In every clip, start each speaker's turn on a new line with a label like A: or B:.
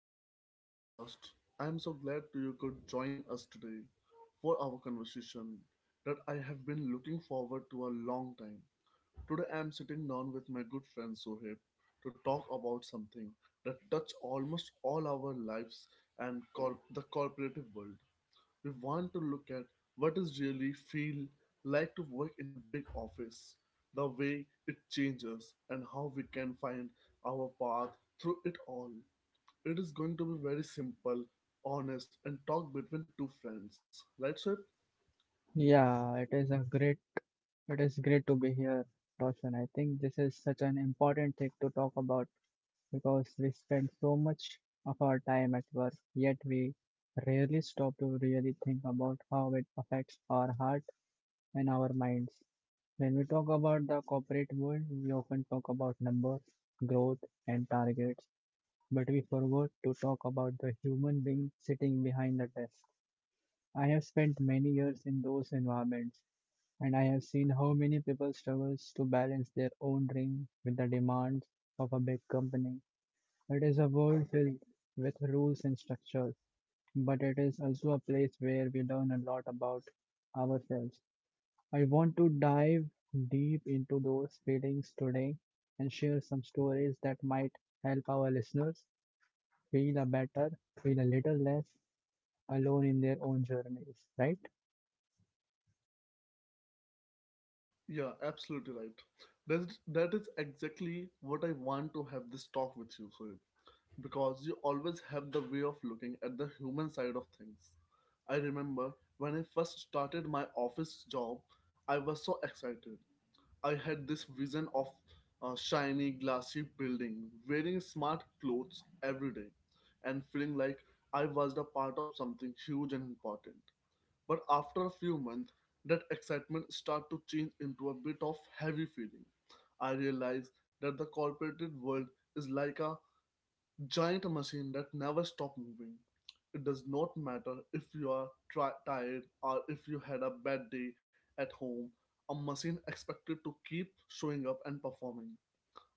A: welcome to our podcast. I am so glad you could join us today for our conversation that I have been looking forward to a long time. Today I am sitting down with my good friend Sohib to talk about something that touch almost all our lives and the corporative world. We want to look at what is really feel like to work in a big office, the way it changes and how we can find our path through it all. It is going to be very simple, honest and talk between two friends. Right, Sohib?
B: Yeah, it is great to be here, Roshan. I think this is such an important thing to talk about because we spend so much of our time at work, yet we rarely stop to really think about how it affects our heart and our minds. When we talk about the corporate world, we often talk about numbers, growth, and targets, but we forgot to talk about the human being sitting behind the desk. I have spent many years in those environments and I have seen how many people struggles to balance their own dream with the demands of a big company. It is a world filled with rules and structures, but it is also a place where we learn a lot about ourselves. I want to dive deep into those feelings today and share some stories that might help our listeners feel a better, feel a little less alone in their own journeys, right?
A: Yeah, absolutely right. That that is exactly what I want to have this talk with you, Sohib, because you always have the way of looking at the human side of things. I remember when I first started my office job, I was so excited. I had this vision of a shiny, glassy building, wearing smart clothes every day, and feeling like I was the part of something huge and important. But after a few months, that excitement started to change into a bit of heavy feeling. I realized that the corporate world is like a giant machine that never stops moving. It does not matter if you are tired or if you had a bad day at home, a machine expected to keep showing up and performing.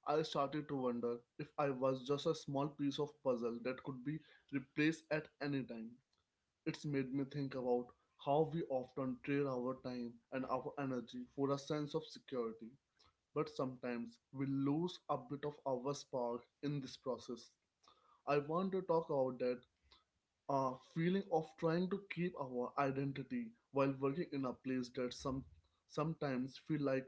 A: I started to wonder if I was just a small piece of puzzle that could be replaced at any time. It's made me think about how we often trade our time and our energy for a sense of security, but sometimes we lose a bit of our spark in this process. I want to talk about that feeling of trying to keep our identity while working in a place that sometimes feel like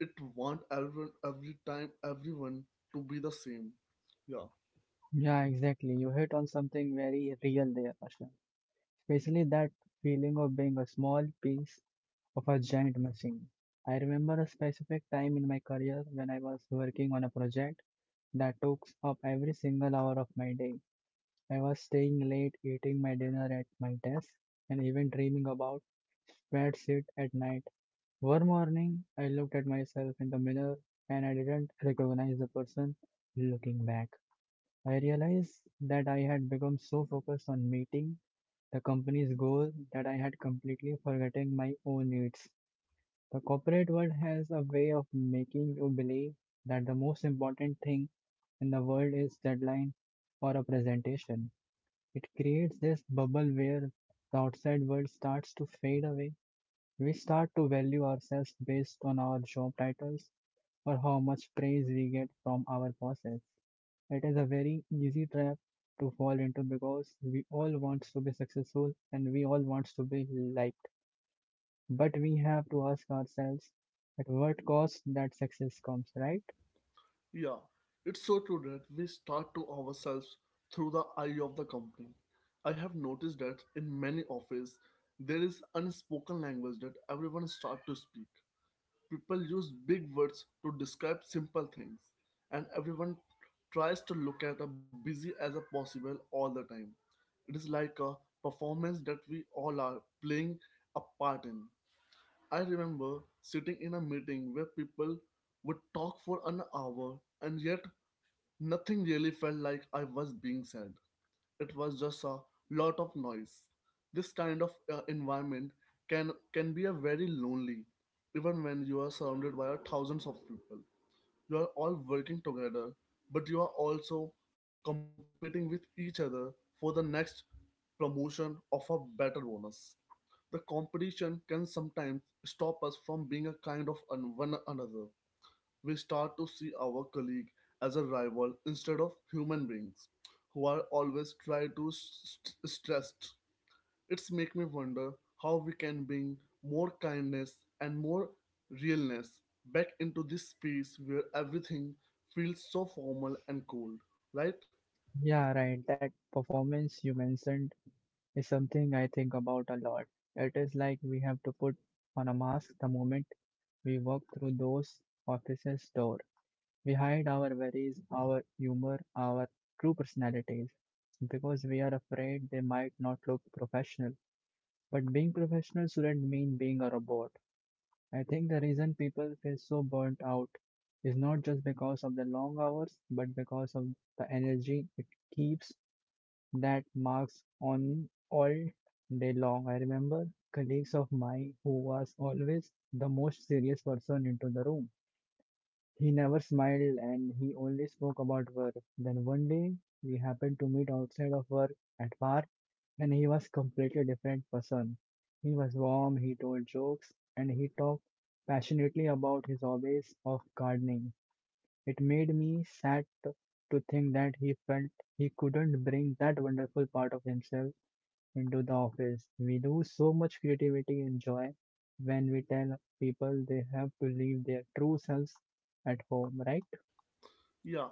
A: it want everyone every time everyone to be the same. Yeah.
B: Yeah, exactly. You hit on something very real there, Asha. Especially that feeling of being a small piece of a giant machine. I remember a specific time in my career when I was working on a project that took up every single hour of my day. I was staying late, eating my dinner at my desk, and even dreaming about bedsheet at night. One morning, I looked at myself in the mirror and I didn't recognize the person looking back. I realized that I had become so focused on meeting the company's goal that I had completely forgotten my own needs. The corporate world has a way of making you believe that the most important thing in the world is deadline or a presentation. It creates this bubble where the outside world starts to fade away. We start to value ourselves based on our job titles or how much praise we get from our bosses. It is a very easy trap to fall into because we all want to be successful and we all want to be liked. But we have to ask ourselves at what cost that success comes, right?
A: Yeah, it's so true that we start to ourselves through the eye of the company. I have noticed that in many offices there is unspoken language that everyone start to speak. People use big words to describe simple things, and everyone tries to look at a busy as a possible all the time. It is like a performance that we all are playing a part in. I remember sitting in a meeting where people would talk for an hour, and yet nothing really felt like I was being said. It was just a lot of noise. This kind of environment can can be a very lonely, even when you are surrounded by thousands of people. You are all working together, but you are also competing with each other for the next promotion of a better bonus. The competition can sometimes stop us from being a kind of one another. We start to see our colleague as a rival instead of human beings who are always try to stressed. It's make me wonder how we can bring more kindness and more realness back into this space where everything feels so formal and cold, right?
B: Yeah, right. That performance you mentioned is something I think about a lot. It is like we have to put on a mask the moment we walk through those offices' door. We hide our worries, our humor, our true personalities because we are afraid they might not look professional. But being professional shouldn't mean being a robot. I think the reason people feel so burnt out is not just because of the long hours, but because of the energy it keeps that marks on all day long. I remember colleagues of mine who was always the most serious person into the room. He never smiled and he only spoke about work. Then one day we happened to meet outside of work at bar and he was completely different person. He was warm, he told jokes and he talked passionately about his hobbies of gardening. It made me sad to think that he felt he couldn't bring that wonderful part of himself into the office. We lose so much creativity and joy when we tell people they have to leave their true selves at home, right?
A: Yeah,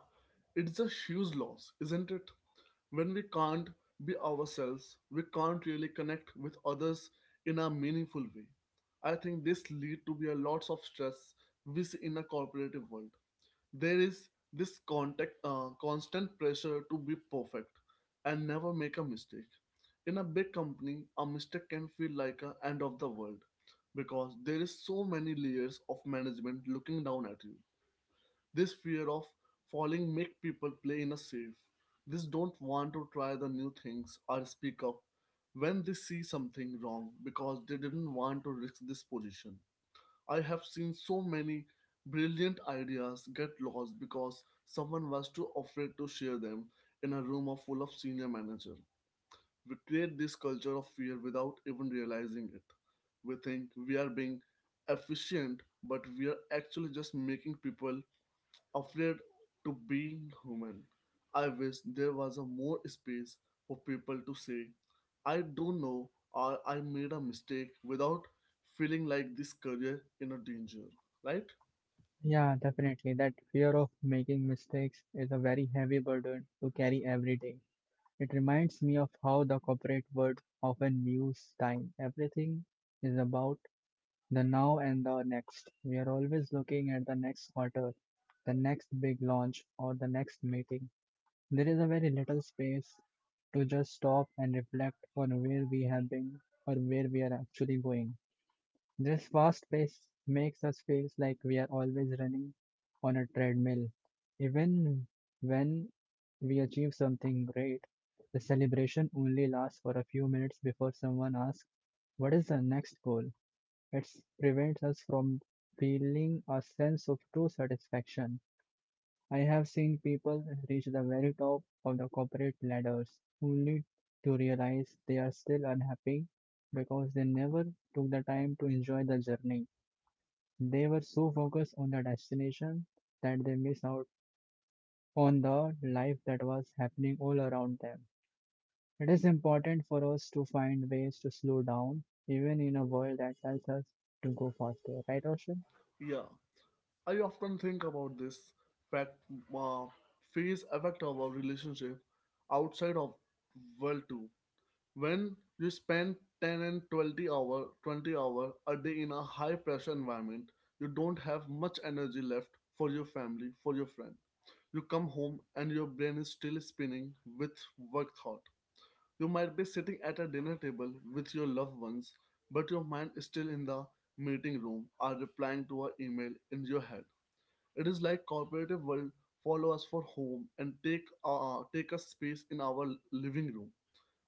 A: it's a huge loss, isn't it? When we can't be ourselves, we can't really connect with others in a meaningful way. I think this lead to be a lots of stress we see in a corporative world. There is this constant pressure to be perfect and never make a mistake. In a big company, a mistake can feel like a end of the world, because there is so many layers of management looking down at you. This fear of falling make people play in a safe. They don't want to try the new things or speak up when they see something wrong, because they didn't want to risk this position. I have seen so many brilliant ideas get lost because someone was too afraid to share them in a room of full of senior manager. We create this culture of fear without even realizing it. We think we are being efficient, but we are actually just making people afraid to being human. I wish there was a more space for people to say, "I don't know" or "I made a mistake," without feeling like this career in a danger. Right?
B: Yeah, definitely. That fear of making mistakes is a very heavy burden to carry every day. It reminds me of how the corporate world often views time. Everything is about the now and the next. We are always looking at the next quarter, the next big launch, or the next meeting. There is a very little space to just stop and reflect on where we have been or where we are actually going. This fast pace makes us feel like we are always running on a treadmill. Even when we achieve something great, the celebration only lasts for a few minutes before someone asks, what is the next goal? It prevents us from feeling a sense of true satisfaction. I have seen people reach the very top of the corporate ladders only to realize they are still unhappy because they never took the time to enjoy the journey. They were so focused on the destination that they missed out on the life that was happening all around them. It is important for us to find ways to slow down, even in a world that tells us to go faster, right, Roshan?
A: Yeah. I often think about this fact uh, phase affect our relationship outside of world too. When you spend 10 and 20 hour a day in a high pressure environment, you don't have much energy left for your family, for your friend. You come home and your brain is still spinning with work thought. You might be sitting at a dinner table with your loved ones, but your mind is still in the meeting room or replying to an email in your head. It is like corporative world follow us for home and take a space in our living room.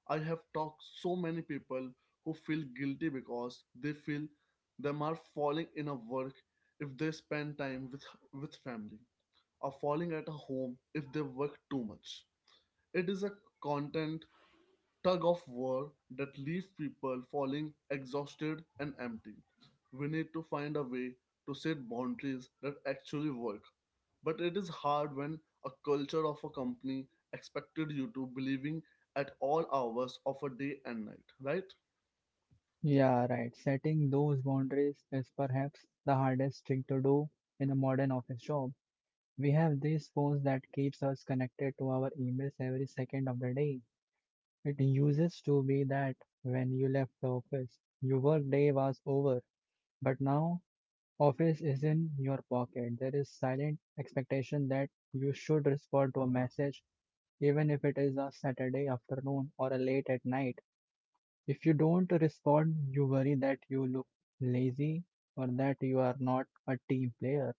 A: I have talked so many people who feel guilty because they feel them are falling in a work if they spend time with family, or falling at a home if they work too much. It is a content tug of war that leaves people falling exhausted and empty. We need to find a way to set boundaries that actually work. But it is hard when a culture of a company expected you to believing at all hours of a day and night, right?
B: Yeah, right. Setting those boundaries is perhaps the hardest thing to do in a modern office job. We have these phones that keeps us connected to our emails every second of the day. It used to be that when you left the office, your work day was over. But now, office is in your pocket. There is silent expectation that you should respond to a message, even if it is a Saturday afternoon or a late at night. If you don't respond, you worry that you look lazy or that you are not a team player.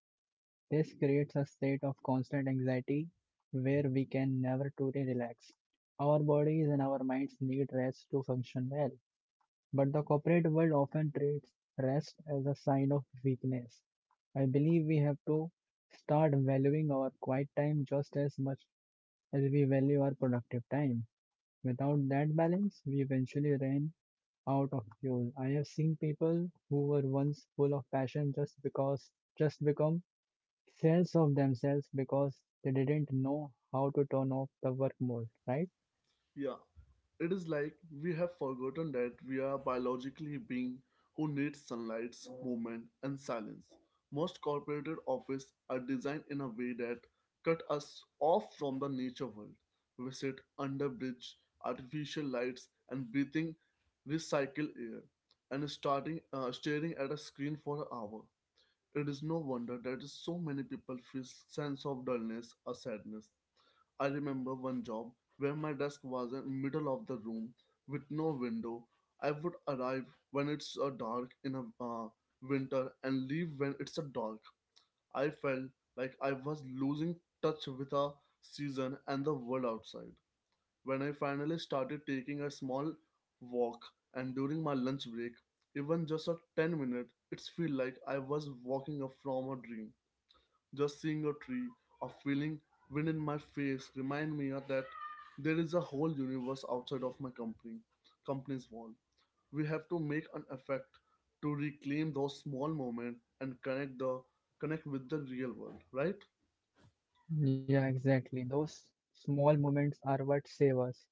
B: This creates a state of constant anxiety where we can never truly relax. Our bodies and our minds need rest to function well, but the corporate world often treats rest as a sign of weakness. I believe we have to start valuing our quiet time just as much as we value our productive time. Without that balance, we eventually ran out of fuel. I have seen people who were once full of passion just become sales of themselves because they didn't know how to turn off the work mode, right?
A: Yeah. It is like we have forgotten that we are biologically beings who need sunlight, movement, and silence. Most corporate offices are designed in a way that cut us off from the nature world. We sit under bridge, artificial lights, and breathing recycled air, and starting staring at a screen for an hour. It is no wonder that so many people feel sense of dullness or sadness. I remember one job where my desk was in middle of the room with no window. I would arrive when it's dark in a winter, and leave when it's a dark. I felt like I was losing touch with a season and the world outside. When I finally started taking a small walk and during my lunch break, even just a 10-minute, it's feel like I was walking up from a dream. Just seeing a tree or feeling wind in my face remind me of that there is a whole universe outside of my company's wall. We have to make an effect to reclaim those small moments and connect with the real world, right?
B: Yeah, exactly. Those small moments are what save us,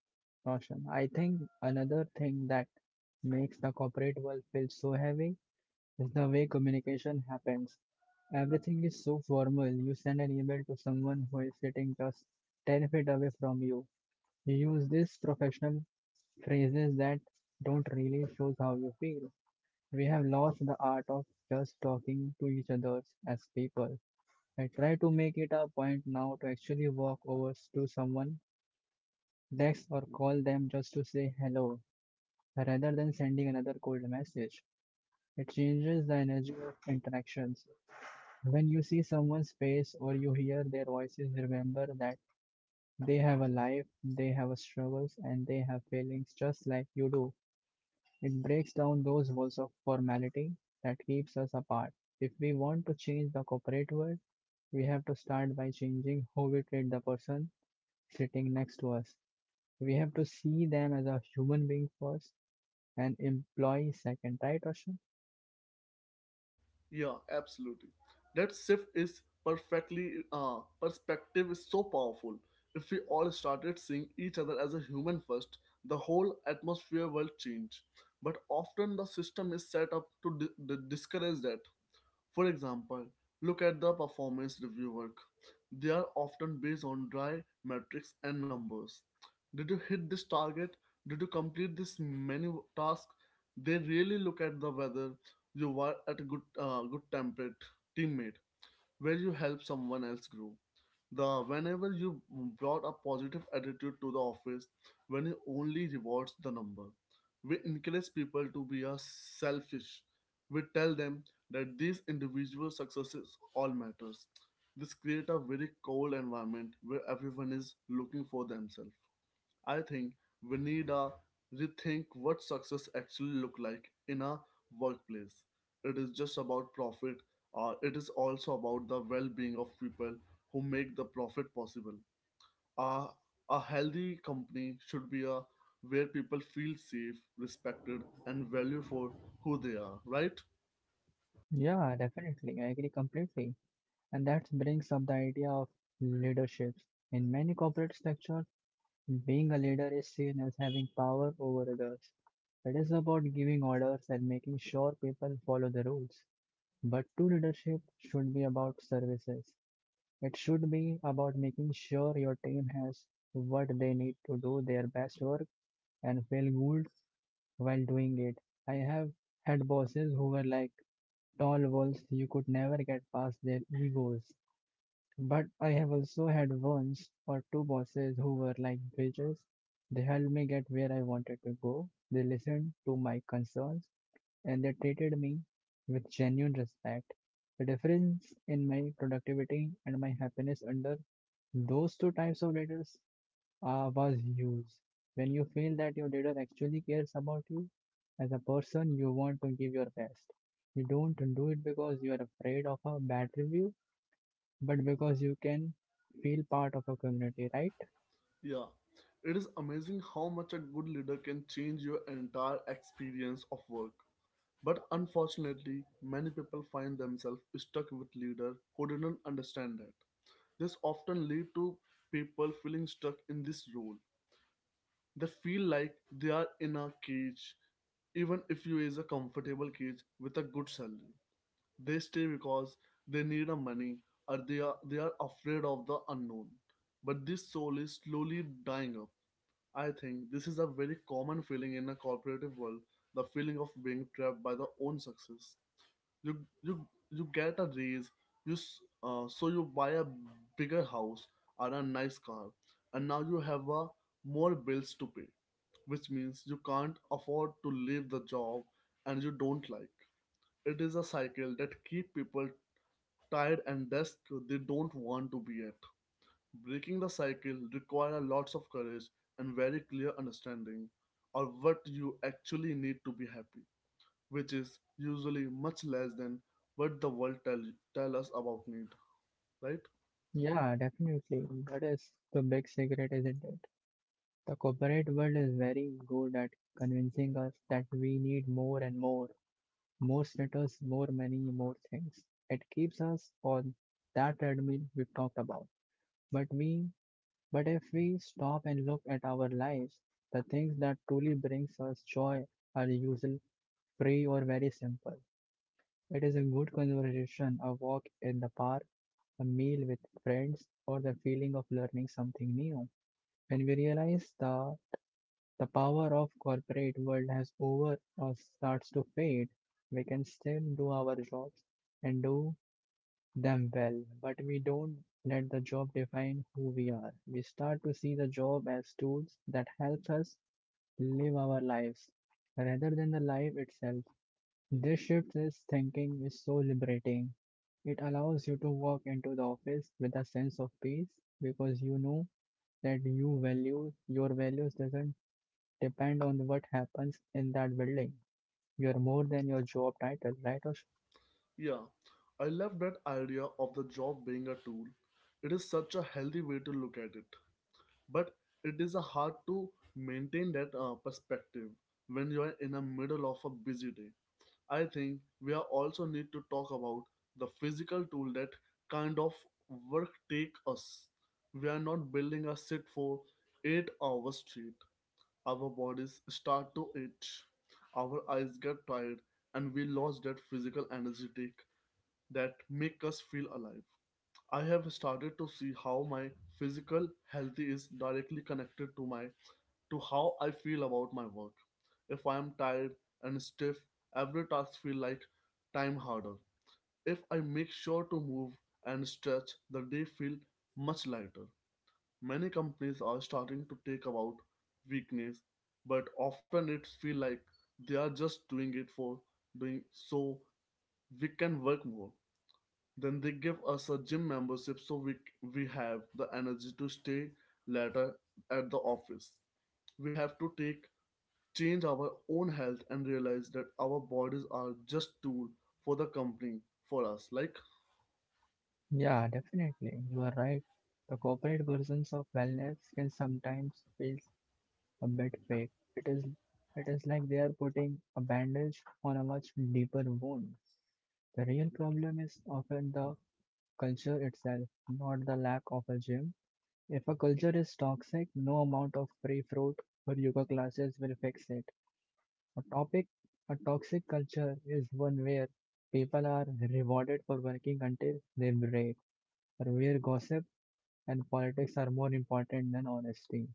B: Roshan. I think another thing that makes the corporate world feel so heavy is the way communication happens. Everything is so formal. You send an email to someone who is sitting just 10 feet away from you. You use these professional phrases that don't really show how you feel. We have lost the art of just talking to each other as people. I try to make it a point now to actually walk over to someone, text or call them just to say hello, rather than sending another cold message. It changes the energy of interactions. When you see someone's face or you hear their voices, remember that they have a life, they have struggles, and they have feelings just like you do. It breaks down those walls of formality that keeps us apart. If we want to change the corporate world, we have to start by changing how we treat the person sitting next to us. We have to see them as a human being first and employee second, right, Ashwin?
A: Yeah, absolutely. That shift is perfectly perspective is so powerful. If we all started seeing each other as a human first, the whole atmosphere will change. But often the system is set up to discourage that. For example, look at the performance review work. They are often based on dry metrics and numbers. Did you hit this target? Did you complete this many tasks? They really look at the whether you were at a good temperate teammate, where you help someone else grow, the whenever you brought a positive attitude to the office, when it only rewards the number. We encourage people to be a selfish. We tell them that these individual successes all matters. This create a very cold environment where everyone is looking for themselves. I think we need a rethink what success actually look like in a workplace. It is just about profit. It is also about the well-being of people who make the profit possible. Uh, a healthy company should be a where people feel safe, respected, and valued for who they are. Right?
B: Yeah, definitely. I agree completely. And that brings up the idea of leaderships. In many corporate structures, being a leader is seen as having power over others. It is about giving orders and making sure people follow the rules. But true leadership should be about services. It should be about making sure your team has what they need to do their best work and feel good while doing it. I have had bosses who were like tall walls you could never get past their egos. But I have also had ones or two bosses who were like bridges. They helped me get where I wanted to go. They listened to my concerns and they treated me with genuine respect. The difference in my productivity and my happiness under those two types of leaders was used. When you feel that your leader actually cares about you as a person, you want to give your best. You don't do it because you are afraid of a bad review, but because you can feel part of a community, right?
A: Yeah. It is amazing how much a good leader can change your entire experience of work. But unfortunately, many people find themselves stuck with leaders who didn't understand that. This often leads to people feeling stuck in this role. They feel like they are in a cage, even if you is a comfortable cage with a good salary. They stay because they need a money, or they are afraid of the unknown. But this soul is slowly dying up. I think this is a very common feeling in a corporative world, the feeling of being trapped by the own success. You you you get a raise, so you buy a bigger house or a nice car, and now you have more bills to pay, which means you can't afford to leave the job and you don't like. It is a cycle that keep people tired and desk they don't want to be at. Breaking the cycle require lots of courage and very clear understanding of what you actually need to be happy, which is usually much less than what the world tell us about need, right?
B: Yeah, definitely. That is the big secret, isn't it? The corporate world is very good at convincing us that we need more and more, more status, more money, more things. It keeps us on that treadmill we talked about. But we But if we stop and look at our lives, the things that truly brings us joy are usually free or very simple. It is a good conversation, a walk in the park, a meal with friends, or the feeling of learning something new. When we realize the power of corporate world has over or starts to fade, we can still do our jobs and do them well, but we don't let the job define who we are. We start to see the job as tools that helps us live our lives rather than the life itself. This shift is thinking is so liberating. It allows you to walk into the office with a sense of peace because you know that you value your values doesn't depend on what happens in that building. You are more than your job title, right, Osh?
A: Yeah, I love that idea of the job being a tool. It is such a healthy way to look at it, but it is a hard to maintain that perspective when you are in the middle of a busy day. I think we are also need to talk about the physical tool that kind of work take us. We are not building a sit for 8 hours straight. Our bodies start to itch, our eyes get tired, and we lose that physical energy that make us feel alive. I have started to see how my physical health is directly connected to my to how I feel about my work. If I am tired and stiff, every task feel like time harder. If I make sure to move and stretch, the day feel much lighter. Many companies are starting to take about weakness, but often it feel like they are just doing it for doing so we can work more. Then they give us a gym membership so we have the energy to stay later at the office. We have to take change our own health and realize that our bodies are just tool for the company for us. Like
B: Yeah, definitely. You are right. The corporate versions of wellness can sometimes feel a bit fake. It is it is like they are putting a bandage on a much deeper wound. The real problem is often the culture itself, not the lack of a gym. If a culture is toxic, no amount of free fruit or yoga classes will fix it. A topic a toxic culture is one where people are rewarded for working until they break, or where gossip and politics are more important than honesty.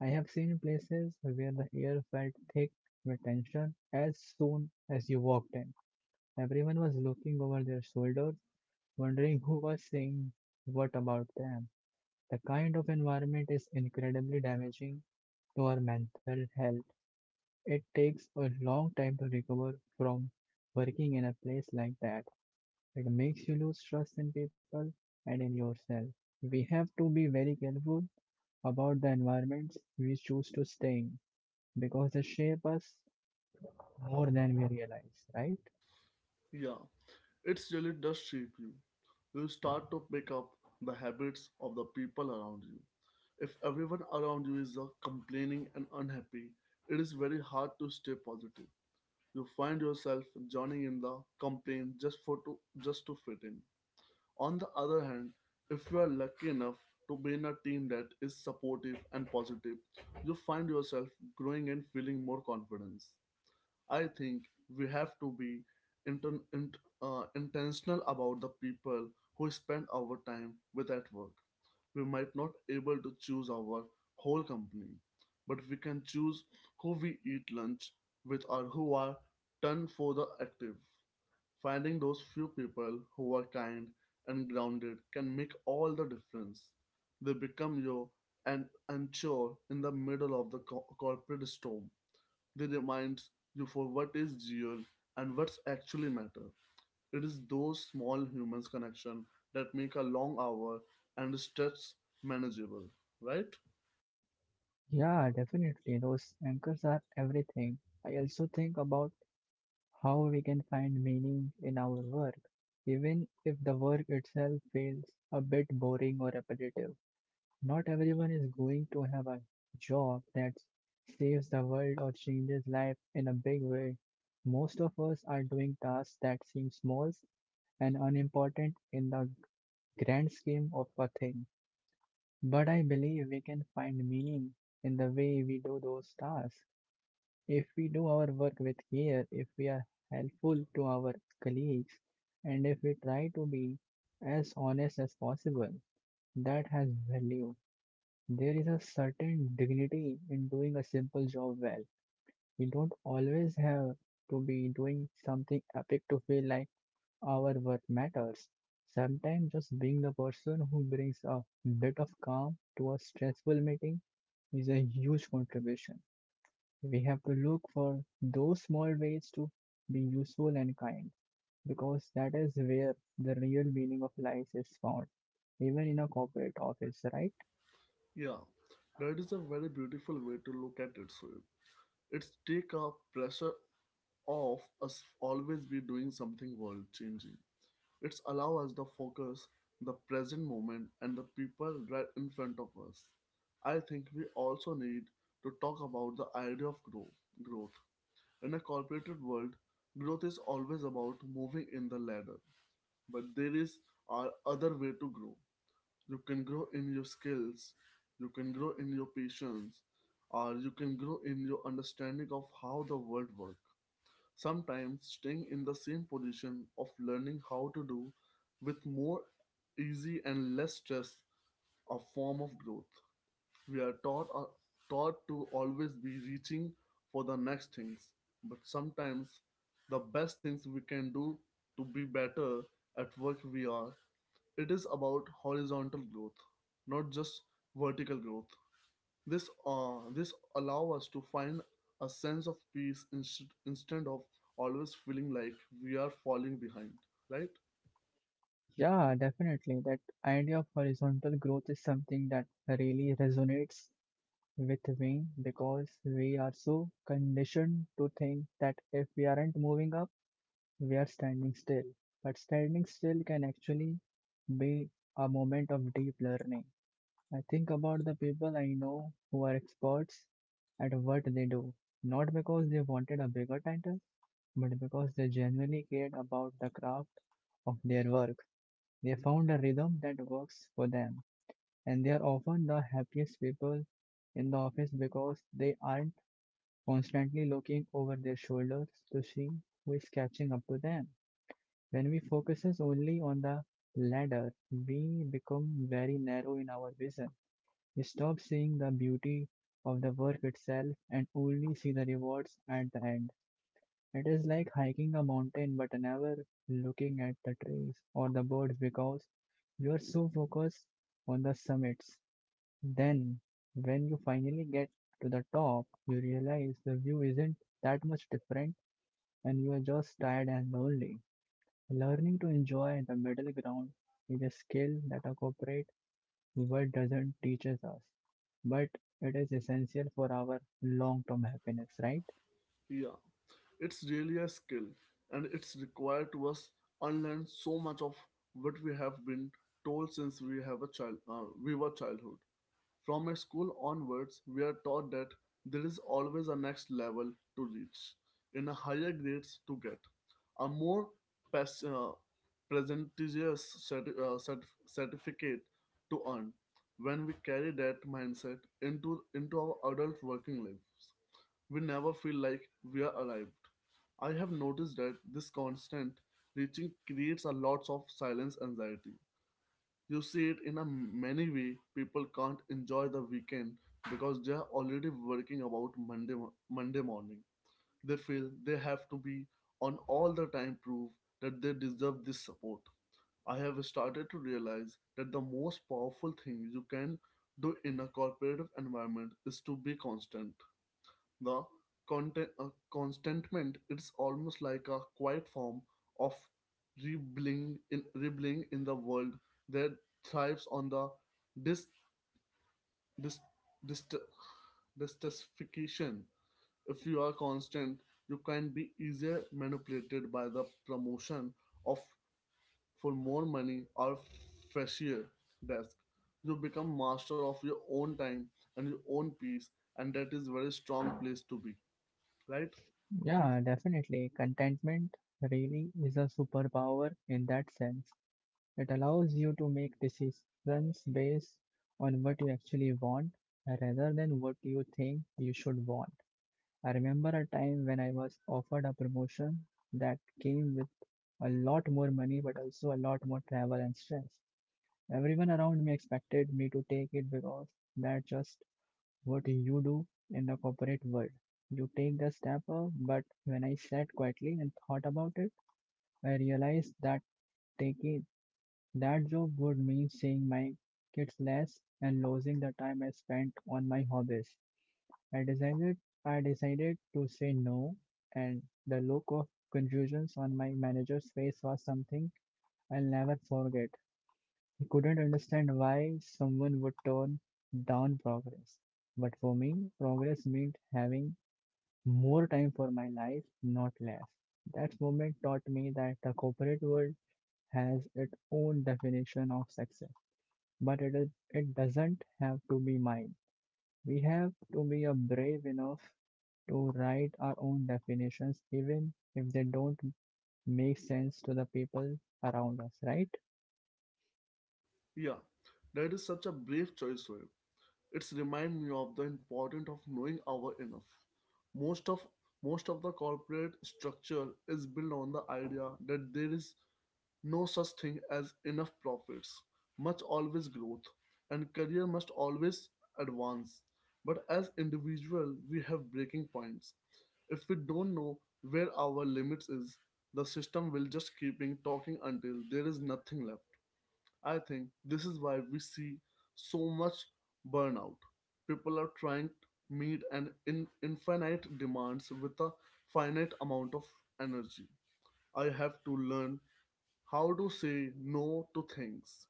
B: I have seen places where the air felt thick with tension as soon as you walked in. Everyone was looking over their shoulders, wondering who was saying what about them. The kind of environment is incredibly damaging to our mental health. It takes a long time to recover from working in a place like that. It makes you lose trust in people and in yourself. We have to be very careful about the environments we choose to stay in because they shape us more than we realize, right?
A: yeah. It really does shape you. You start to pick up the habits of the people around you. If everyone around you is complaining and unhappy, it is very hard to stay positive. You find yourself joining in the complaint just for to just to fit in. On the other hand, if you are lucky enough to be in a team that is supportive and positive, you find yourself growing and feeling more confidence. I think we have to be intentional about the people who spend our time with at work. We might not able to choose our whole company, but we can choose who we eat lunch with or who are done for the active. Finding those few people who are kind and grounded can make all the difference. They become your and unsure in the middle of the corporate storm. They remind you for what is real and what's actually matter. It is those small humans connection that make a long hour and the stretch manageable, right?
B: Yeah, definitely. Those anchors are everything. I also think about how we can find meaning in our work, even if the work itself feels a bit boring or repetitive. Not everyone is going to have a job that saves the world or changes life in a big way. Most of us are doing tasks that seem small and unimportant in the grand scheme of a thing. But I believe we can find meaning in the way we do those tasks. If we do our work with care, if we are helpful to our colleagues, and if we try to be as honest as possible, that has value. There is a certain dignity in doing a simple job well. We don't always have to be doing something epic to feel like our work matters. Sometimes just being the person who brings a bit of calm to a stressful meeting is a huge contribution. We have to look for those small ways to be useful and kind because that is where the real meaning of life is found, even in a corporate office, right?
A: Yeah, that is a very beautiful way to look at it. Sri. It's take a pressure off us always be doing something world changing. It's allow us the focus, the present moment, and the people right in front of us. I think we also need to talk about the idea of growth. In a corporate world, growth is always about moving in the ladder, but there is our other way to grow. You can grow in your skills, you can grow in your patience, or you can grow in your understanding of how the world works. Sometimes staying in the same position of learning how to do with more easy and less stress a form of growth. We are taught to always be reaching for the next things, but sometimes the best things we can do to be better at work we are it is about horizontal growth, not just vertical growth. This allow us to find a sense of peace instead of always feeling like we are falling behind, right?
B: Yeah, definitely. That idea of horizontal growth is something that really resonates with me because we are so conditioned to think that if we aren't moving up, we are standing still. But standing still can actually be a moment of deep learning. I think about the people I know who are experts at what they do, not because they wanted a bigger title, but because they genuinely cared about the craft of their work. They found a rhythm that works for them, and they are often the happiest people in the office because they aren't constantly looking over their shoulders to see who is catching up to them. When we focus only on the ladder, we become very narrow in our vision. We stop seeing the beauty of the work itself and only see the rewards at the end. It is like hiking a mountain but never looking at the trees or the birds because you are so focused on the summits then, when you finally get to the top, you realize the view isn't that much different and you are just tired and lonely. Learning to enjoy the middle ground is a skill that a corporate world doesn't teaches us, but it is essential for our long-term happiness, right?
A: Yeah, it's really a skill, and it's required to us unlearn so much of what we have been told since we have a child, we were childhood. From my school onwards, we are taught that there is always a next level to reach, in a higher grades to get, a more pes- uh, prestigious certificate to earn. When we carry that mindset into our adult working lives, we never feel like we are arrived. I have noticed that this constant reaching creates a lot of silence anxiety. You see it in a many way. People can't enjoy the weekend because they are already working about Monday morning. They feel they have to be on all the time prove that they deserve this support. I have started to realize that the most powerful thing you can do in a cooperative environment is to be constant. The contentment it's almost like a quiet form of rebelling in the world that thrives on the dis, dis, dis distastification. If you are constant, you can be easier manipulated by the promotion of for more money or fresher desk. You become master of your own time and your own peace, and that is very strong place to be, right?
B: Yeah, definitely. Contentment really is a superpower in that sense. It allows you to make decisions based on what you actually want rather than what you think you should want. I remember a time when I was offered a promotion that came with a lot more money but also a lot more travel and stress. Everyone around me expected me to take it because that's just what you do in the corporate world. You take the step up, but when I sat quietly and thought about it, I realized that taking that job would mean seeing my kids less and losing the time I spent on my hobbies. I decided I decided to say no, and the look of confusion on my manager's face was something I'll never forget. He couldn't understand why someone would turn down progress. But for me, progress meant having more time for my life, not less. That moment taught me that the corporate world has its own definition of success. But it doesn't have to be mine. We have to be a brave enough to write our own definitions, even if they don't make sense to the people around us, right?
A: Yeah, that is such a brave choice, Sohail. It's remind me of the importance of knowing our enough. Most of most of the corporate structure is built on the idea that there is no such thing as enough profits, much always growth, and career must always advance. But as individual, we have breaking points. If we don't know where our limits is, the system will just keeping talking until there is nothing left. I think this is why we see so much burnout. People are trying to meet an infinite demands with a finite amount of energy. I have to learn how to say no to things,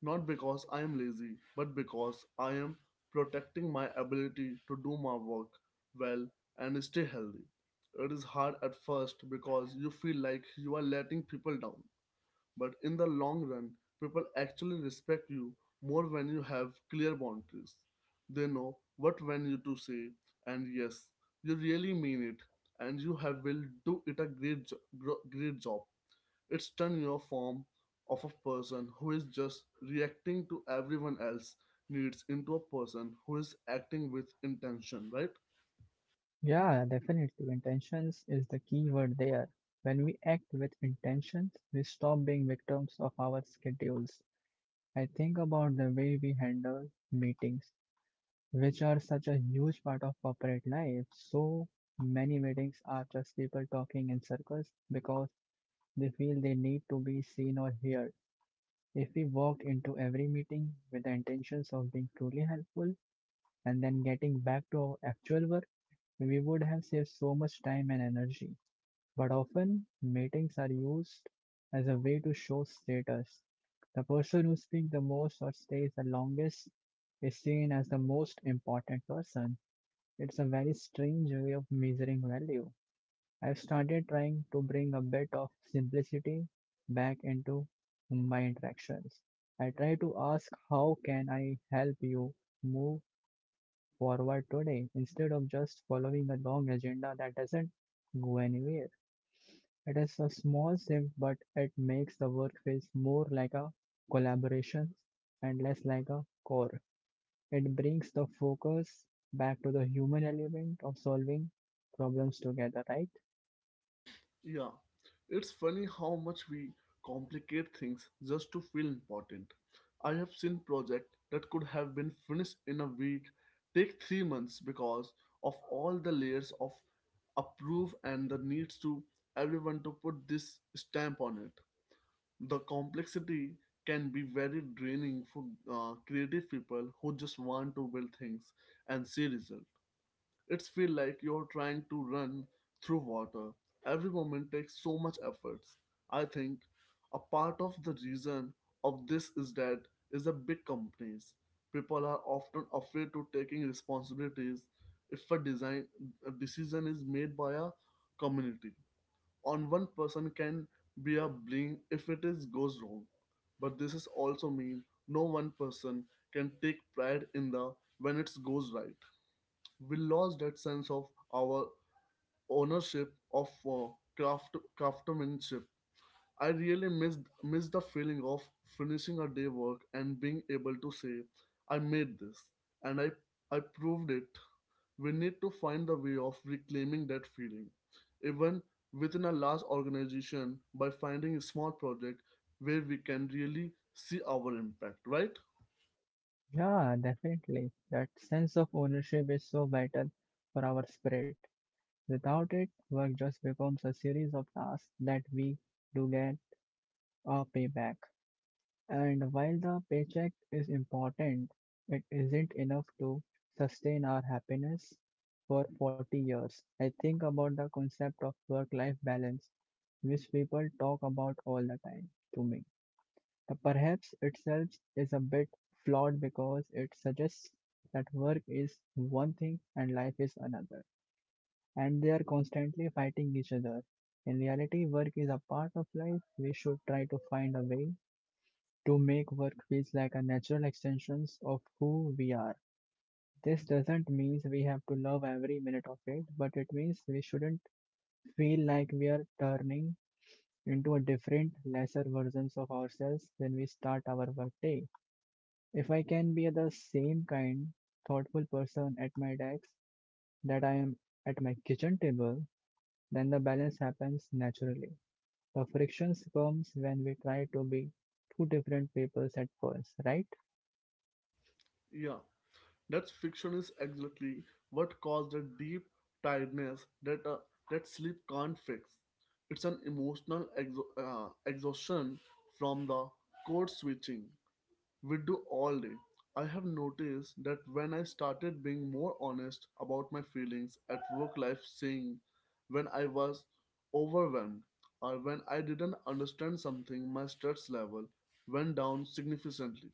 A: not because I am lazy, but because I am protecting my ability to do my work well and stay healthy. It is hard at first because you feel like you are letting people down, but in the long run, people actually respect you more when you have clear boundaries. They know what when you to say, and yes, you really mean it, and you have will do it a great job. It's turn your form of a person who is just reacting to everyone else needs into a person who is acting with intention, right?
B: Yeah, definitely. Intentions is the key word there. When we act with intentions, we stop being victims of our schedules. I think about the way we handle meetings, which are such a huge part of corporate life. So many meetings are just people talking in circles because they feel they need to be seen or heard. If we walked into every meeting with the intentions of being truly helpful and then getting back to our actual work, we would have saved so much time and energy. But often, meetings are used as a way to show status. The person who speaks the most or stays the longest is seen as the most important person. It's a very strange way of measuring value. I've started trying to bring a bit of simplicity back into my interactions. I try to ask how can I help you move forward today instead of just following a long agenda that doesn't go anywhere. It is a small shift, but it makes the work feels more like a collaboration and less like a chore. It brings the focus back to the human element of solving problems together, right?
A: Yeah, it's funny how much we complicate things just to feel important. I have seen projects that could have been finished in a week take 3 months because of all the layers of approve and the needs to everyone to put this stamp on it. The complexity can be very draining for creative people who just want to build things and see results. It's feel like you're trying to run through water. Every moment takes so much efforts. I think a part of the reason of this is that is the big companies. People are often afraid to taking responsibilities if a design a decision is made by a community. On one person can be a blame if it is goes wrong. But this is also mean no one person can take pride in the when it goes right we lost that sense of our ownership of craftsmanship. I really miss the feeling of finishing a day work and being able to say, "I made this and I proved it." We need to find the way of reclaiming that feeling, even within a large organization, by finding a small project where we can really see our impact. Right?
B: Yeah, definitely. That sense of ownership is so vital for our spirit. Without it, work just becomes a series of tasks that we do get a payback. And while the paycheck is important, it isn't enough to sustain our happiness for 40 years. I think about the concept of work life balance, which people talk about all the time to me. The perhaps itself is a bit flawed because it suggests that work is one thing and life is another, and they are constantly fighting each other. In reality, work is a part of life. We should try to find a way to make work feels like a natural extension of who we are. This doesn't mean we have to love every minute of it, but it means we shouldn't feel like we are turning into a different, lesser versions of ourselves when we start our workday. If I can be the same kind, thoughtful person at my desk that I am at my kitchen table, then the balance happens naturally. The frictions comes when we try to be two different peoples at first, right?
A: Yeah. That fiction is exactly what caused the deep tiredness that that sleep can't fix. It's an emotional exhaustion from the code switching we do all day. I have noticed that when I started being more honest about my feelings at work life, saying when I was overwhelmed or when I didn't understand something, my stress level went down significantly.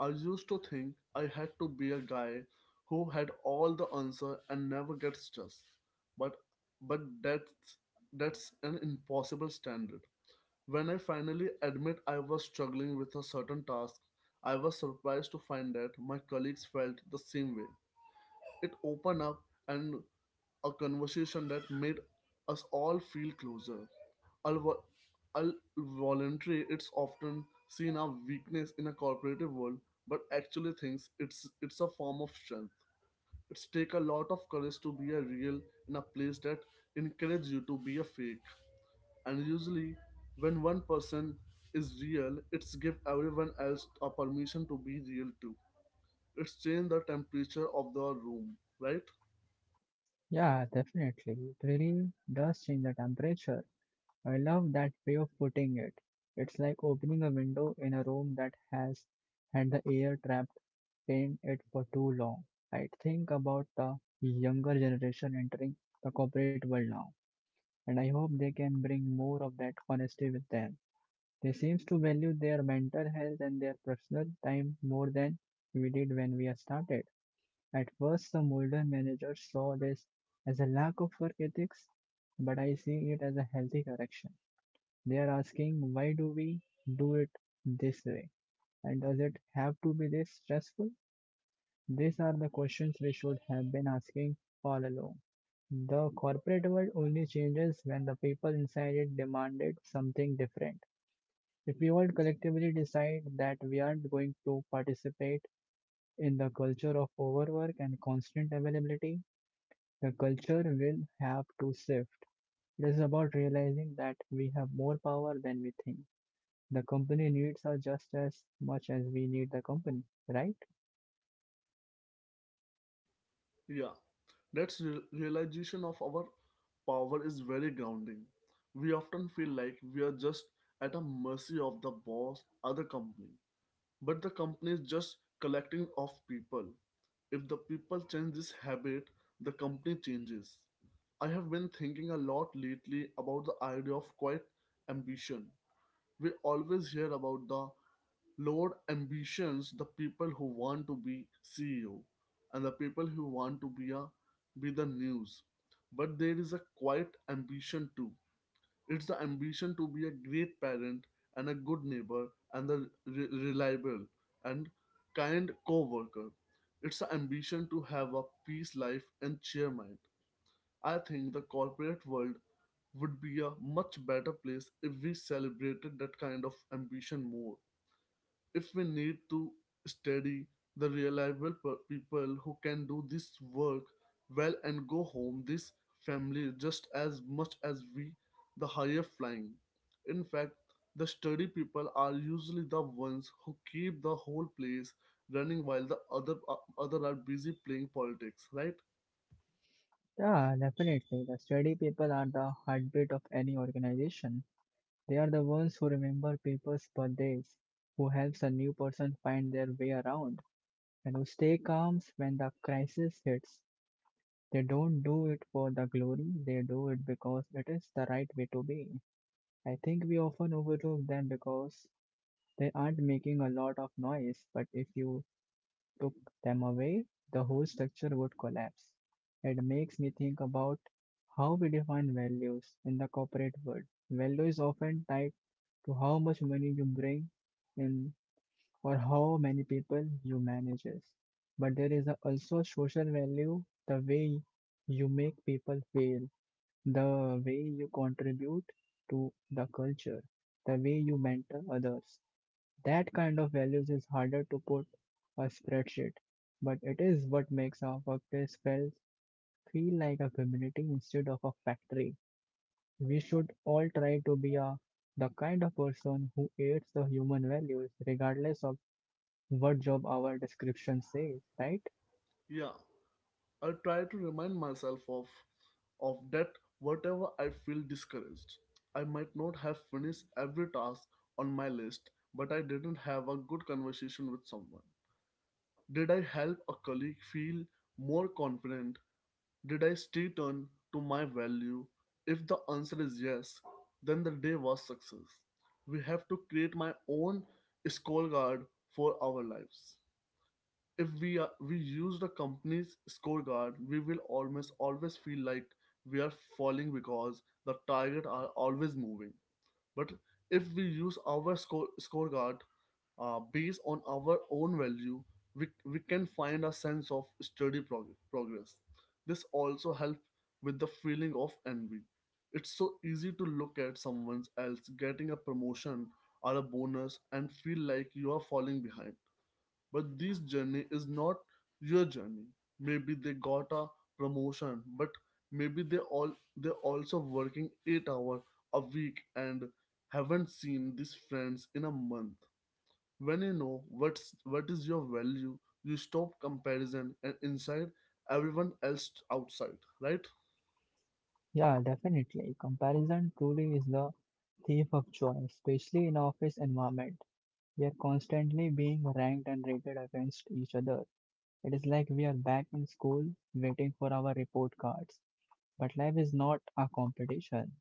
A: I used to think I had to be a guy who had all the answer and never gets stressed. But but that's an impossible standard. When I finally admit I was struggling with a certain task, I was surprised to find that my colleagues felt the same way. It opened up and a conversation that made us all feel closer. Al- Voluntary, it's often seen a weakness in a corporative world, but actually thinks it's a form of strength. It's take a lot of courage to be a real in a place that encourages you to be a fake. And usually, when one person is real, it's give everyone else a permission to be real too. It's change the temperature of the room, right?
B: Yeah, definitely. It really does change the temperature. I love that way of putting it. It's like opening a window in a room that has had the air trapped in it for too long. I think about the younger generation entering the corporate world now and I hope they can bring more of that honesty with them. They seem to value their mental health and their personal time more than we did when we started. At first, some older managers saw this as a lack of work ethics, but I see it as a healthy correction. They are asking, why do we do it this way? And does it have to be this stressful? These are the questions we should have been asking all along. The corporate world only changes when the people inside it demanded something different. If we all collectively decide that we aren't going to participate in the culture of overwork and constant availability, the culture will have to shift. It is about realizing that we have more power than we think. The company needs us just as much as we need the company, right?
A: Yeah, that's realization of our power is very grounding. We often feel like we are just at a mercy of the boss or the company, but the company is just collecting of people. If the people change this habit, the company changes. I have been thinking a lot lately about the idea of quiet ambition. We always hear about the loud ambitions, the people who want to be CEO, and the people who want to be a be the news. But there is a quiet ambition too. It's the ambition to be a great parent and a good neighbor and a reliable and kind co-worker. It's the ambition to have a peace life and cheer mind. I think the corporate world would be a much better place if we celebrated that kind of ambition more. If we need to study the reliable people who can do this work well and go home, this family just as much as we, the higher flying. In fact, the sturdy people are usually the ones who keep the whole place running while the other other are busy playing politics, right?
B: Yeah, definitely. The steady people are the heartbeat of any organization. They are the ones who remember people's birthdays, who helps a new person find their way around, and who stay calm when the crisis hits. They don't do it for the glory, they do it because it is the right way to be. I think we often overlook them because they aren't making a lot of noise, but if you took them away, the whole structure would collapse. It makes me think about how we define values in the corporate world. Value is often tied to how much money you bring in or how many people you manage. But there is also social value, the way you make people feel, the way you contribute to the culture, the way you mentor others. That kind of values is harder to put a spreadsheet, but it is what makes our workplace feel, feel like a community instead of a factory. We should all try to the kind of person who aids the human values regardless of what job our description says, right?
A: Yeah. I try to remind myself of that whatever I feel discouraged. I might not have finished every task on my list, but I didn't have a good conversation with someone. Did I help a colleague feel more confident? Did I stay true to my value? If the answer is yes, then the day was success. We have to create my own scorecard for our lives. If we are, We use the company's scorecard, we will almost always feel like we are falling because the target are always moving. But if we use our scorecard based on our own value, we can find a sense of steady progress. This also helps with the feeling of envy. It's so easy to look at someone else getting a promotion or a bonus and feel like you are falling behind, but this journey is not your journey. Maybe they got a promotion, but maybe they all they also working 8 hours a week and haven't seen these friends in a month. When you know what is your value, you stop comparison and inside everyone else outside, right?
B: Yeah, definitely. Comparison truly is the thief of joy, especially in office environment. We are constantly being ranked and rated against each other. It is like we are back in school waiting for our report cards. But life is not a competition.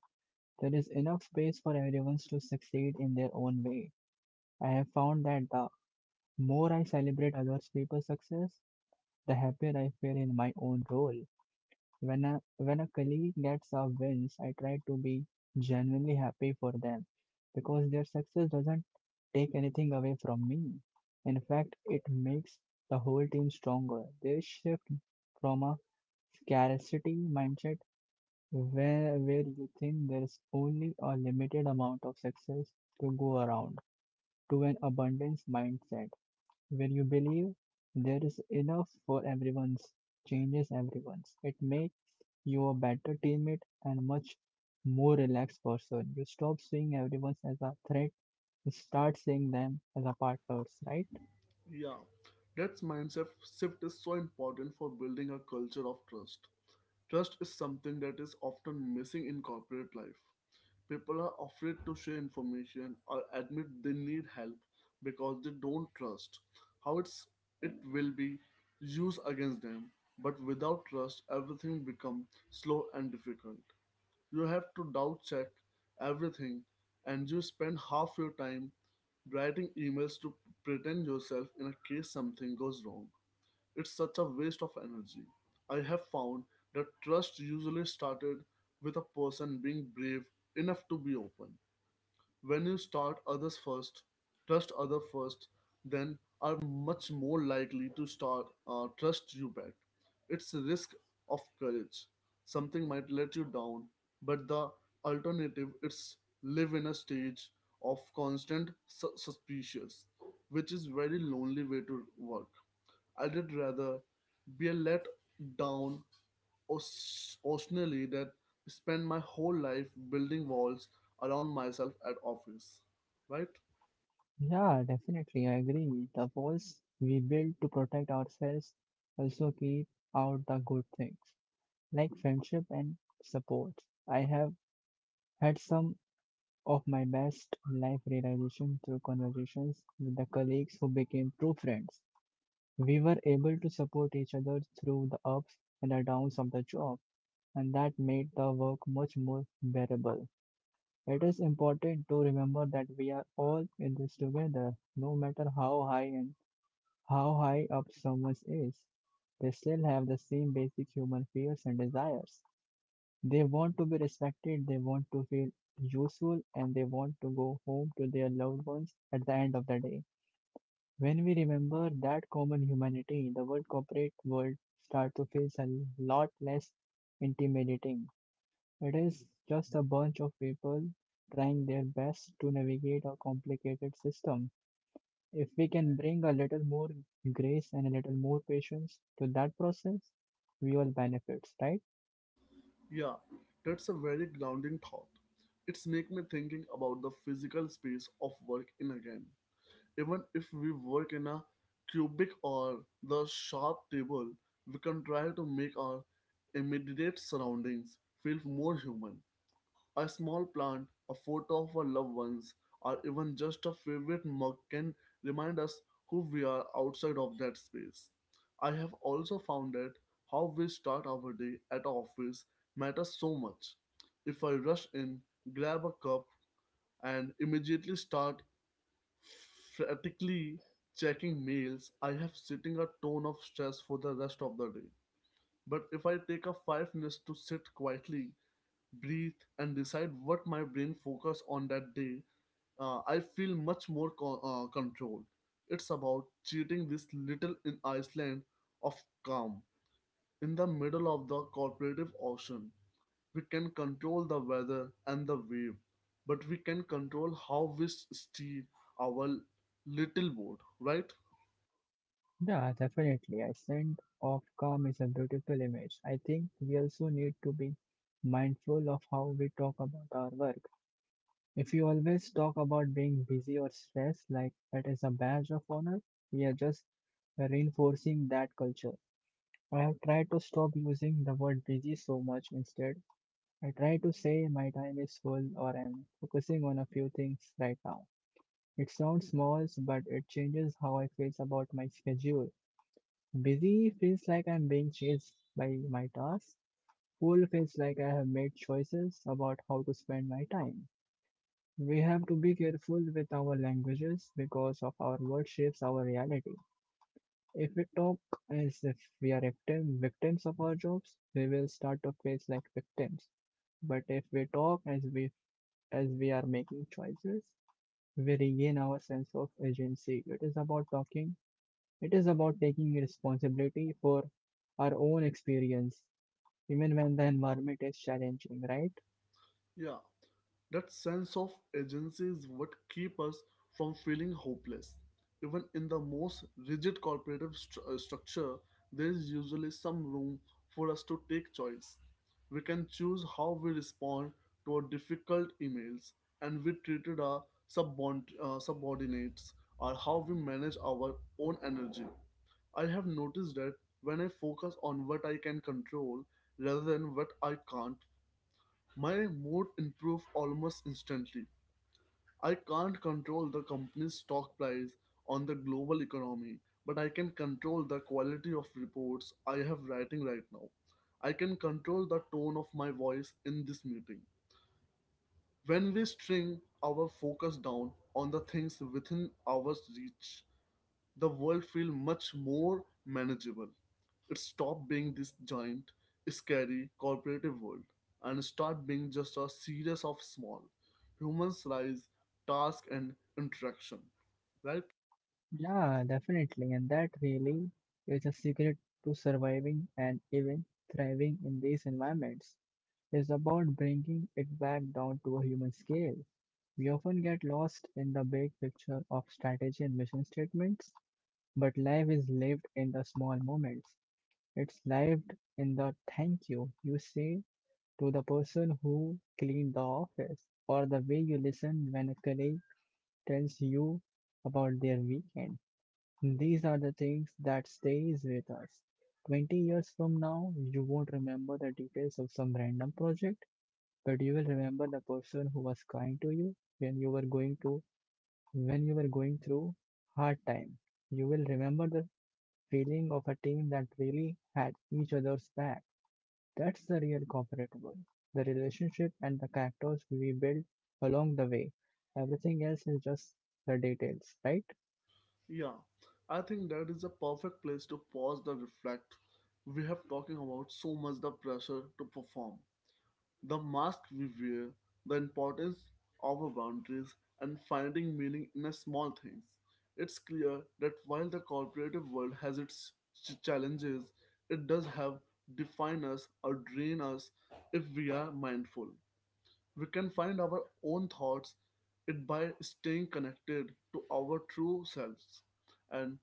B: There is enough space for everyone to succeed in their own way. I have found that the more I celebrate other people's success, the happier I feel in my own role. When a colleague gets our wins, I try to be genuinely happy for them because their success doesn't take anything away from me. In fact, it makes the whole team stronger. They shift from a scarcity mindset where you think there is only a limited amount of success to go around to an abundance mindset when you believe there is enough for everyone's changes everyone's. It makes you a better teammate and much more relaxed person. You stop seeing everyone as a threat. You start seeing them as a partners, right?
A: Yeah. That mindset shift is so important for building a culture of trust. Trust is something that is often missing in corporate life. People are afraid to share information or admit they need help because they don't trust how it will be used against them. But without trust, everything becomes slow and difficult. You have to doubt check everything, and you spend half your time writing emails to pretend yourself in a case something goes wrong. It's such a waste of energy. I have found that trust usually started with a person being brave enough to be open. When you start others first, trust other first, then are much more likely to start trust you back. It's a risk of courage. Something might let you down, but the alternative is live in a stage of constant suspicious, which is very lonely way to work. I'd rather be a let down occasionally than spend my whole life building walls around myself at office. Right?
B: Yeah, definitely. I agree. The walls we build to protect ourselves also keep out the good things like friendship and support. I have had some of my best life realization through conversations with the colleagues who became true friends. We were able to support each other through the ups and the downs of the job, and that made the work much more bearable. It is important to remember that we are all in this together, no matter how high and how high up someone is. They still have the same basic human fears and desires. They want to be respected, they want to feel useful, and they want to go home to their loved ones at the end of the day. When we remember that common humanity, the world corporate world starts to feel a lot less intimidating. It is just a bunch of people trying their best to navigate a complicated system. If we can bring a little more grace and a little more patience to that process, we all benefits, right?
A: Yeah, that's a very grounding thought. It's make me thinking about the physical space of work in again. Even if we work in a cubic or the sharp table, we can try to make our immediate surroundings feel more human. A small plant, a photo of our loved ones, or even just a favorite mug can remind us who we are outside of that space. I have also found that how we start our day at our office matters so much. If I rush in, grab a cup, and immediately start frantically checking mails, I have setting a tone of stress for the rest of the day. But if I take a 5 minutes to sit quietly, breathe, and decide what my brain focus on that day, I feel much more control. It's about cheating this little in iceland of calm in the middle of the cooperative ocean. We can control the weather and the wave, but we can control how we steer our little boat, right?
B: Yeah, definitely. A sense of calm is a beautiful image. I think we also need to be mindful of how we talk about our work. If you always talk about being busy or stressed like it is a badge of honor, we are just reinforcing that culture. I have tried to stop using the word busy so much instead. I try to say my time is full or I'm focusing on a few things right now. It sounds small, but it changes how I feel about my schedule. Busy feels like I'm being chased by my tasks. Full feels like I have made choices about how to spend my time. We have to be careful with our languages because of our word shapes our reality. If we talk as if we are victim, victims of our jobs, we will start to face like victims. But if we talk as we are making choices, we regain our sense of agency. It is about talking. It is about taking responsibility for our own experience even when the environment is challenging, right?
A: Yeah. That sense of agency is what keeps us from feeling hopeless. Even in the most rigid corporative structure, there is usually some room for us to take choice. We can choose how we respond to our difficult emails, and we treated our subordinates, or how we manage our own energy. I have noticed that when I focus on what I can control rather than what I can't, my mood improves almost instantly. I can't control the company's stock price on the global economy, but I can control the quality of reports I have writing right now. I can control the tone of my voice in this meeting. When we string our focus down on the things within our reach, the world feel much more manageable. It stopped being this giant, scary corporative world and start being just a series of small humans rise, task and interaction. Right?
B: Yeah, definitely. And that really is a secret to surviving and even thriving in these environments. It's about bringing it back down to a human scale. We often get lost in the big picture of strategy and mission statements, but life is lived in the small moments. It's lived in the thank you you say to the person who cleaned the office, or the way you listen when a colleague tells you about their weekend. These are the things that stays with us. 20 years from now, you won't remember the details of some random project, but you will remember the person who was kind to you when you were going to when you were going through hard time. You will remember the feeling of a team that really had each other's back. That's the real corporate world. The relationship and the characters we build along the way. Everything else is just the details, right?
A: Yeah. I think that is a perfect place to pause the reflect. We have talking about so much the pressure to perform. The mask we wear, the importance of our boundaries, and finding meaning in the small things. It's clear that while the corporative world has its challenges, it does have define us or drain us if we are mindful. We can find our own thoughts it by staying connected to our true selves and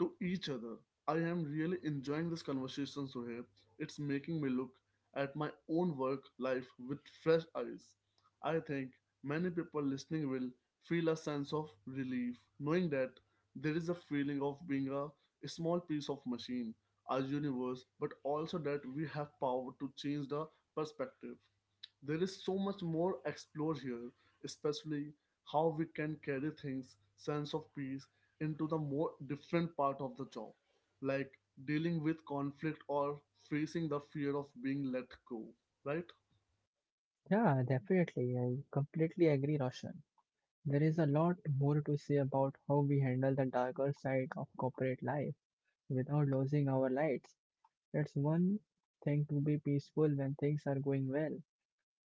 A: to each other. I am really enjoying this conversation, Suhaib. It's making me look at my own work life with fresh eyes. I think many people listening will feel a sense of relief knowing that there is a feeling of being a small piece of machine, a universe, but also that we have power to change the perspective. There is so much more explored here, especially how we can carry things, sense of peace, into the more different part of the job, like dealing with conflict or facing the fear of being let go, right?
B: Yeah, definitely. I completely agree, Roshan. There is a lot more to say about how we handle the darker side of corporate life without losing our lights. It's one thing to be peaceful when things are going well,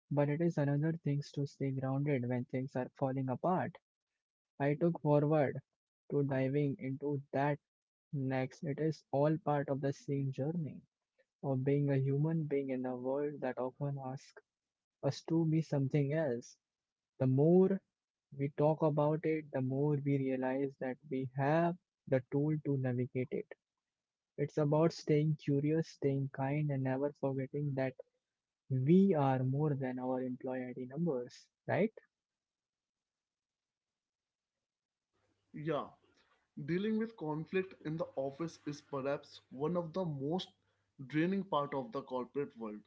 B: but it is another thing to stay grounded when things are falling apart. I took forward to diving into that next. It is all part of the same journey of being a human being in a world that often asks us to be something else. The more we talk about it, the more we realize that we have the tool to navigate it. It's about staying curious, staying kind, and never forgetting that we are more than our employee ID numbers, right?
A: Yeah, dealing with conflict in the office is perhaps one of the most draining part of the corporate world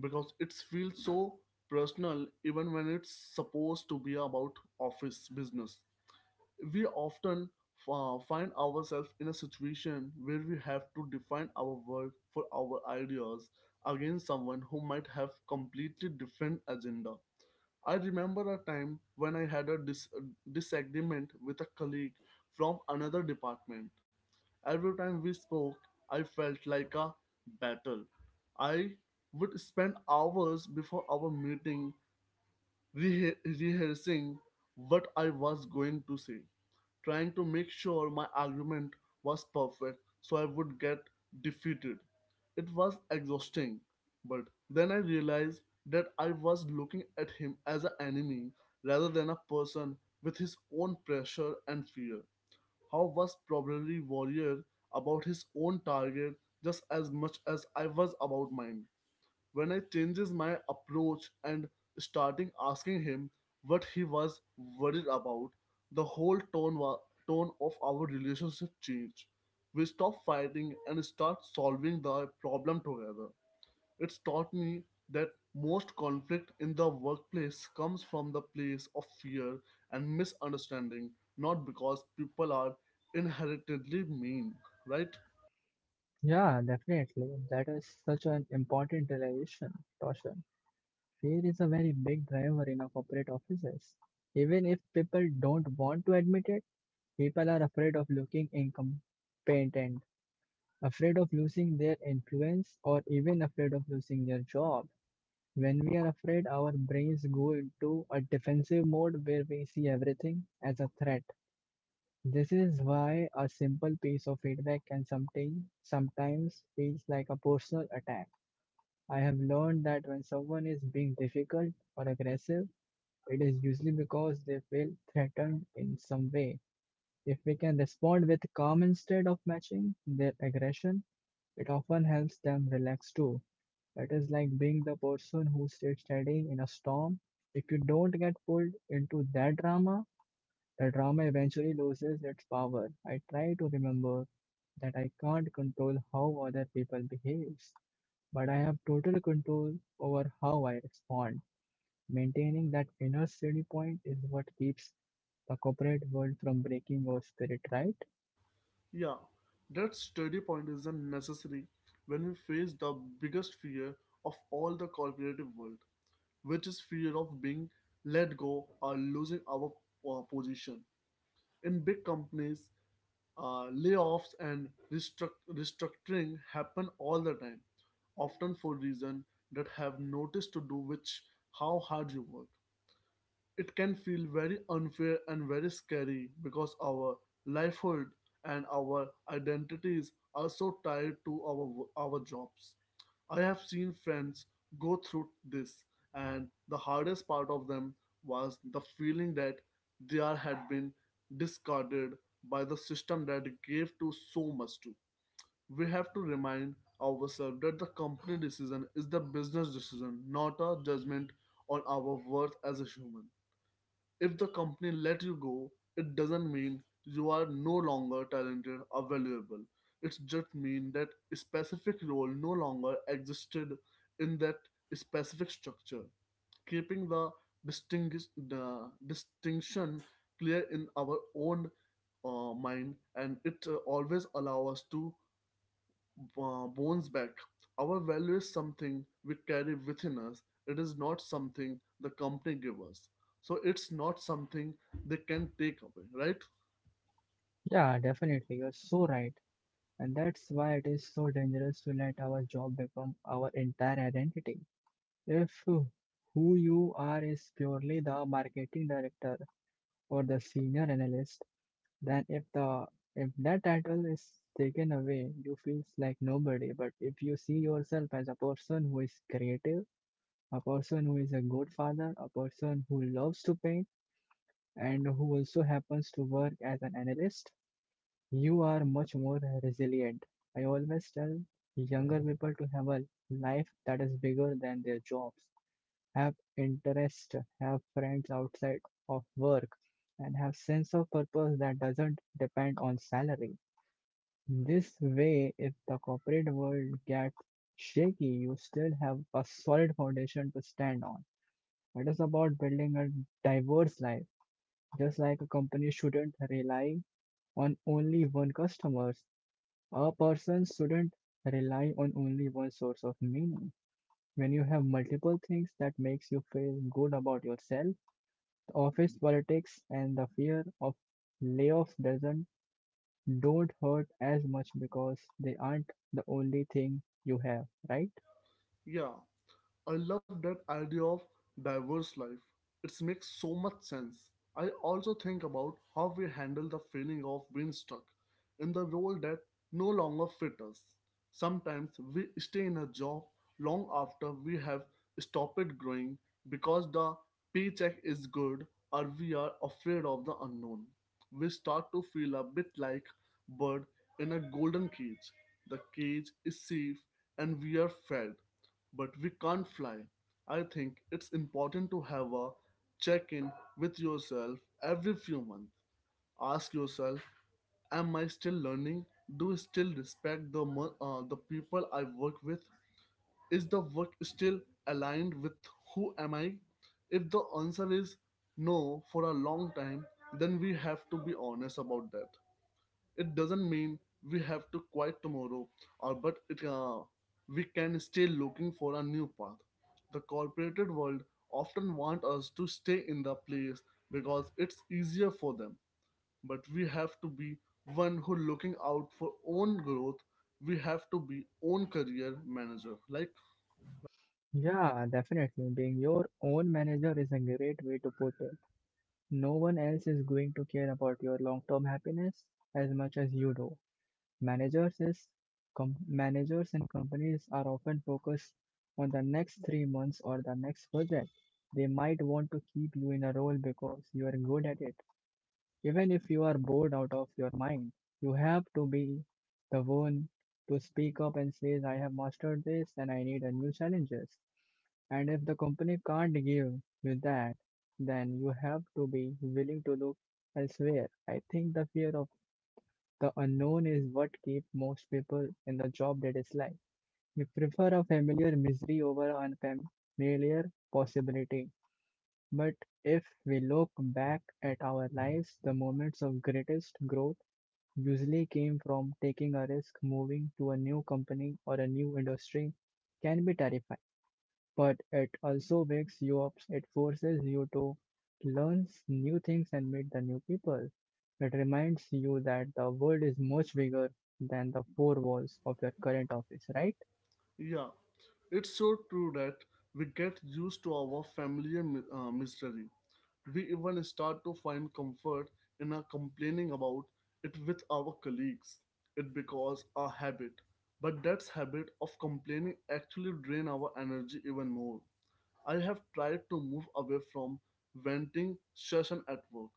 A: because it feels so personal even when it's supposed to be about office business. We often find ourselves in a situation where we have to define our work for our ideas against someone who might have completely different agenda. I remember a time when I had a disagreement with a colleague from another department. Every time we spoke, I felt like a battle. I would spend hours before our meeting rehe- rehearsing what I was going to say, trying to make sure my argument was perfect so I would get defeated. It was exhausting, but then I realized that I was looking at him as an enemy rather than a person with his own pressure and fear. How was probably warrior about his own target just as much as I was about mine. When I changes my approach and starting asking him what he was worried about, the whole tone of our relationship changed. We stop fighting and start solving the problem together. It's taught me that most conflict in the workplace comes from the place of fear and misunderstanding, not because people are inherently mean, right?
B: Yeah, definitely. That is such an important realization, Roshan. Fear is a very big driver in our corporate offices. Even if people don't want to admit it, people are afraid of looking incompetent afraid of losing their influence or even afraid of losing their job. When we are afraid, our brains go into a defensive mode where we see everything as a threat. This is why a simple piece of feedback can sometimes feels like a personal attack. I have learned that when someone is being difficult or aggressive, it is usually because they feel threatened in some way. If we can respond with calm instead of matching their aggression, it often helps them relax too. It is like being the person who sits standing in a storm. If you don't get pulled into that drama, the drama eventually loses its power. I try to remember that I can't control how other people behave, but I have total control over how I respond. Maintaining that inner steady point is what keeps the corporate world from breaking your spirit, right?
A: Yeah, that steady point is a unnecessary when we face the biggest fear of all the corporative world, which is fear of being let go or losing our position. In big companies, layoffs and restructuring happen all the time, often for reasons that have notice to do with how hard you work. It can feel very unfair and very scary because our livelihood and our identities are so tied to our our jobs. I have seen friends go through this, and the hardest part of them was the feeling that had been discarded by the system that gave to so much to. We have to remind ourselves that the company decision is the business decision, not a judgment on our worth as a human. If the company let you go, it doesn't mean you are no longer talented or valuable. It just means that a specific role no longer existed in that specific structure. Keeping the distinguish the distinction clear in our own mind and it always allow us to bones back. Our value is something we carry within us. It is not something the company gives us. So it's not something they can take away, right?
B: Yeah, definitely. You're so right. And that's why it is so dangerous to let our job become our entire identity. If who you are is purely the marketing director or the senior analyst, then if that title is taken away, you feel like nobody. But if you see yourself as a person who is creative, a person who is a good father, a person who loves to paint, and who also happens to work as an analyst, you are much more resilient. I always tell younger people to have a life that is bigger than their jobs, have interest, have friends outside of work, and have sense of purpose that doesn't depend on salary. This way, if the corporate world gets shaky, you still have a solid foundation to stand on. It is about building a diverse life. Just like a company shouldn't rely on only one customer, a person shouldn't rely on only one source of meaning. When you have multiple things that makes you feel good about yourself, the office politics and the fear of layoffs doesn't don't hurt as much because they aren't the only thing you have, right?
A: Yeah. I love that idea of diverse life. It makes so much sense. I also think about how we handle the feeling of being stuck in the role that no longer fits us. Sometimes we stay in a job long after we have stopped growing because the paycheck is good or we are afraid of the unknown. We start to feel a bit like bird in a golden cage. The cage is safe and we are fed, but we can't fly. I think it's important to have a check in with yourself every few months. Ask yourself, am I still learning? Do I still respect the people I work with? Is the work still aligned with who am I? If the answer is no for a long time, then we have to be honest about that. It doesn't mean we have to quit tomorrow, or but it we can stay looking for a new path. The corporate world often want us to stay in the place because it's easier for them, but we have to be one who looking out for own growth. We have to be own career manager, like,
B: Yeah, definitely. Being your own manager is a great way to put it. No one else is going to care about your long-term happiness as much as you do. Managers is Managers and companies are often focused on the next 3 months or the next project. They might want to keep you in a role because you are good at it. Even if you are bored out of your mind, you have to be the one to speak up and says, I have mastered this and I need a new challenges. And if the company can't give you that, then you have to be willing to look elsewhere. I think the fear of the unknown is what keeps most people in the job they dislike. We prefer a familiar misery over an unfamiliar possibility. But if we look back at our lives, the moments of greatest growth usually came from taking a risk moving to a new company or a new industry can be terrifying, but it also wakes you up. It forces you to learn new things and meet the new people. It reminds you that the world is much bigger than the four walls of your current office, right?
A: yeah, it's so true that we get used to our familiar misery. We even start to find comfort in our complaining about it with our colleagues. It becomes a habit, but that habit of complaining actually drain our energy even more. I have tried to move away from venting session at work.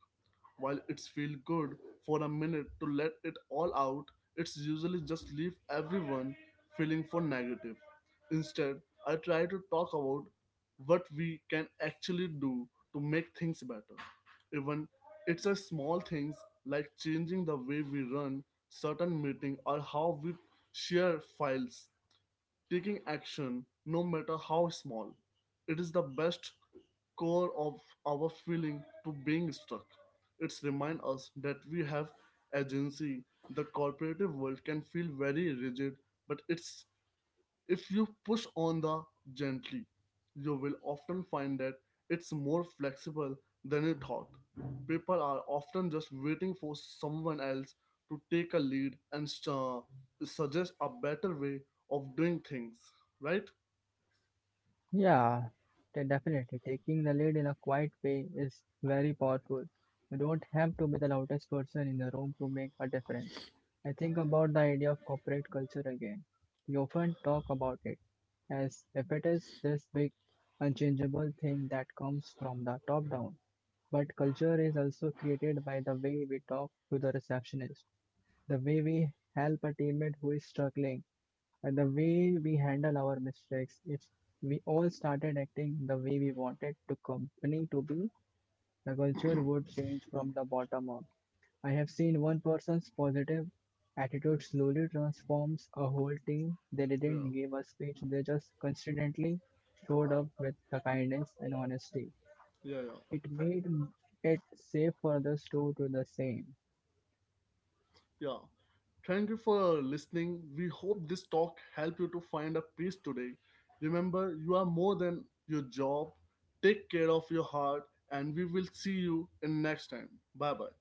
A: While it's feel good for a minute to let it all out, it's usually just leave everyone feeling for negative. Instead, I try to talk about what we can actually do to make things better. Even it's a small things like changing the way we run certain meeting or how we share files. Taking action, no matter how small, it is the best core of our feeling to being stuck. It's remind us that we have agency. The corporative world can feel very rigid, but it's if you push on the gently, you will often find that it's more flexible than you thought. People are often just waiting for someone else to take a lead and suggest a better way of doing things, right?
B: Yeah, definitely. Taking the lead in a quiet way is very powerful. You don't have to be the loudest person in the room to make a difference. I think about the idea of corporate culture again. We often talk about it as if it is this big, unchangeable thing that comes from the top down. But culture is also created by the way we talk to the receptionist, the way we help a teammate who is struggling and the way we handle our mistakes. If we all started acting the way we wanted the company to be, the culture would change from the bottom up. I have seen one person's positive attitude slowly transforms a whole team. They
A: Yeah,
B: didn't give a speech, they just consistently showed up with the kindness and honesty.
A: yeah, yeah.
B: It made it safe for others to do the same.
A: Yeah. Thank you for listening. We hope this talk helped you to find a peace today. Remember, you are more than your job. Take care of your heart and we will see you in next time. Bye bye.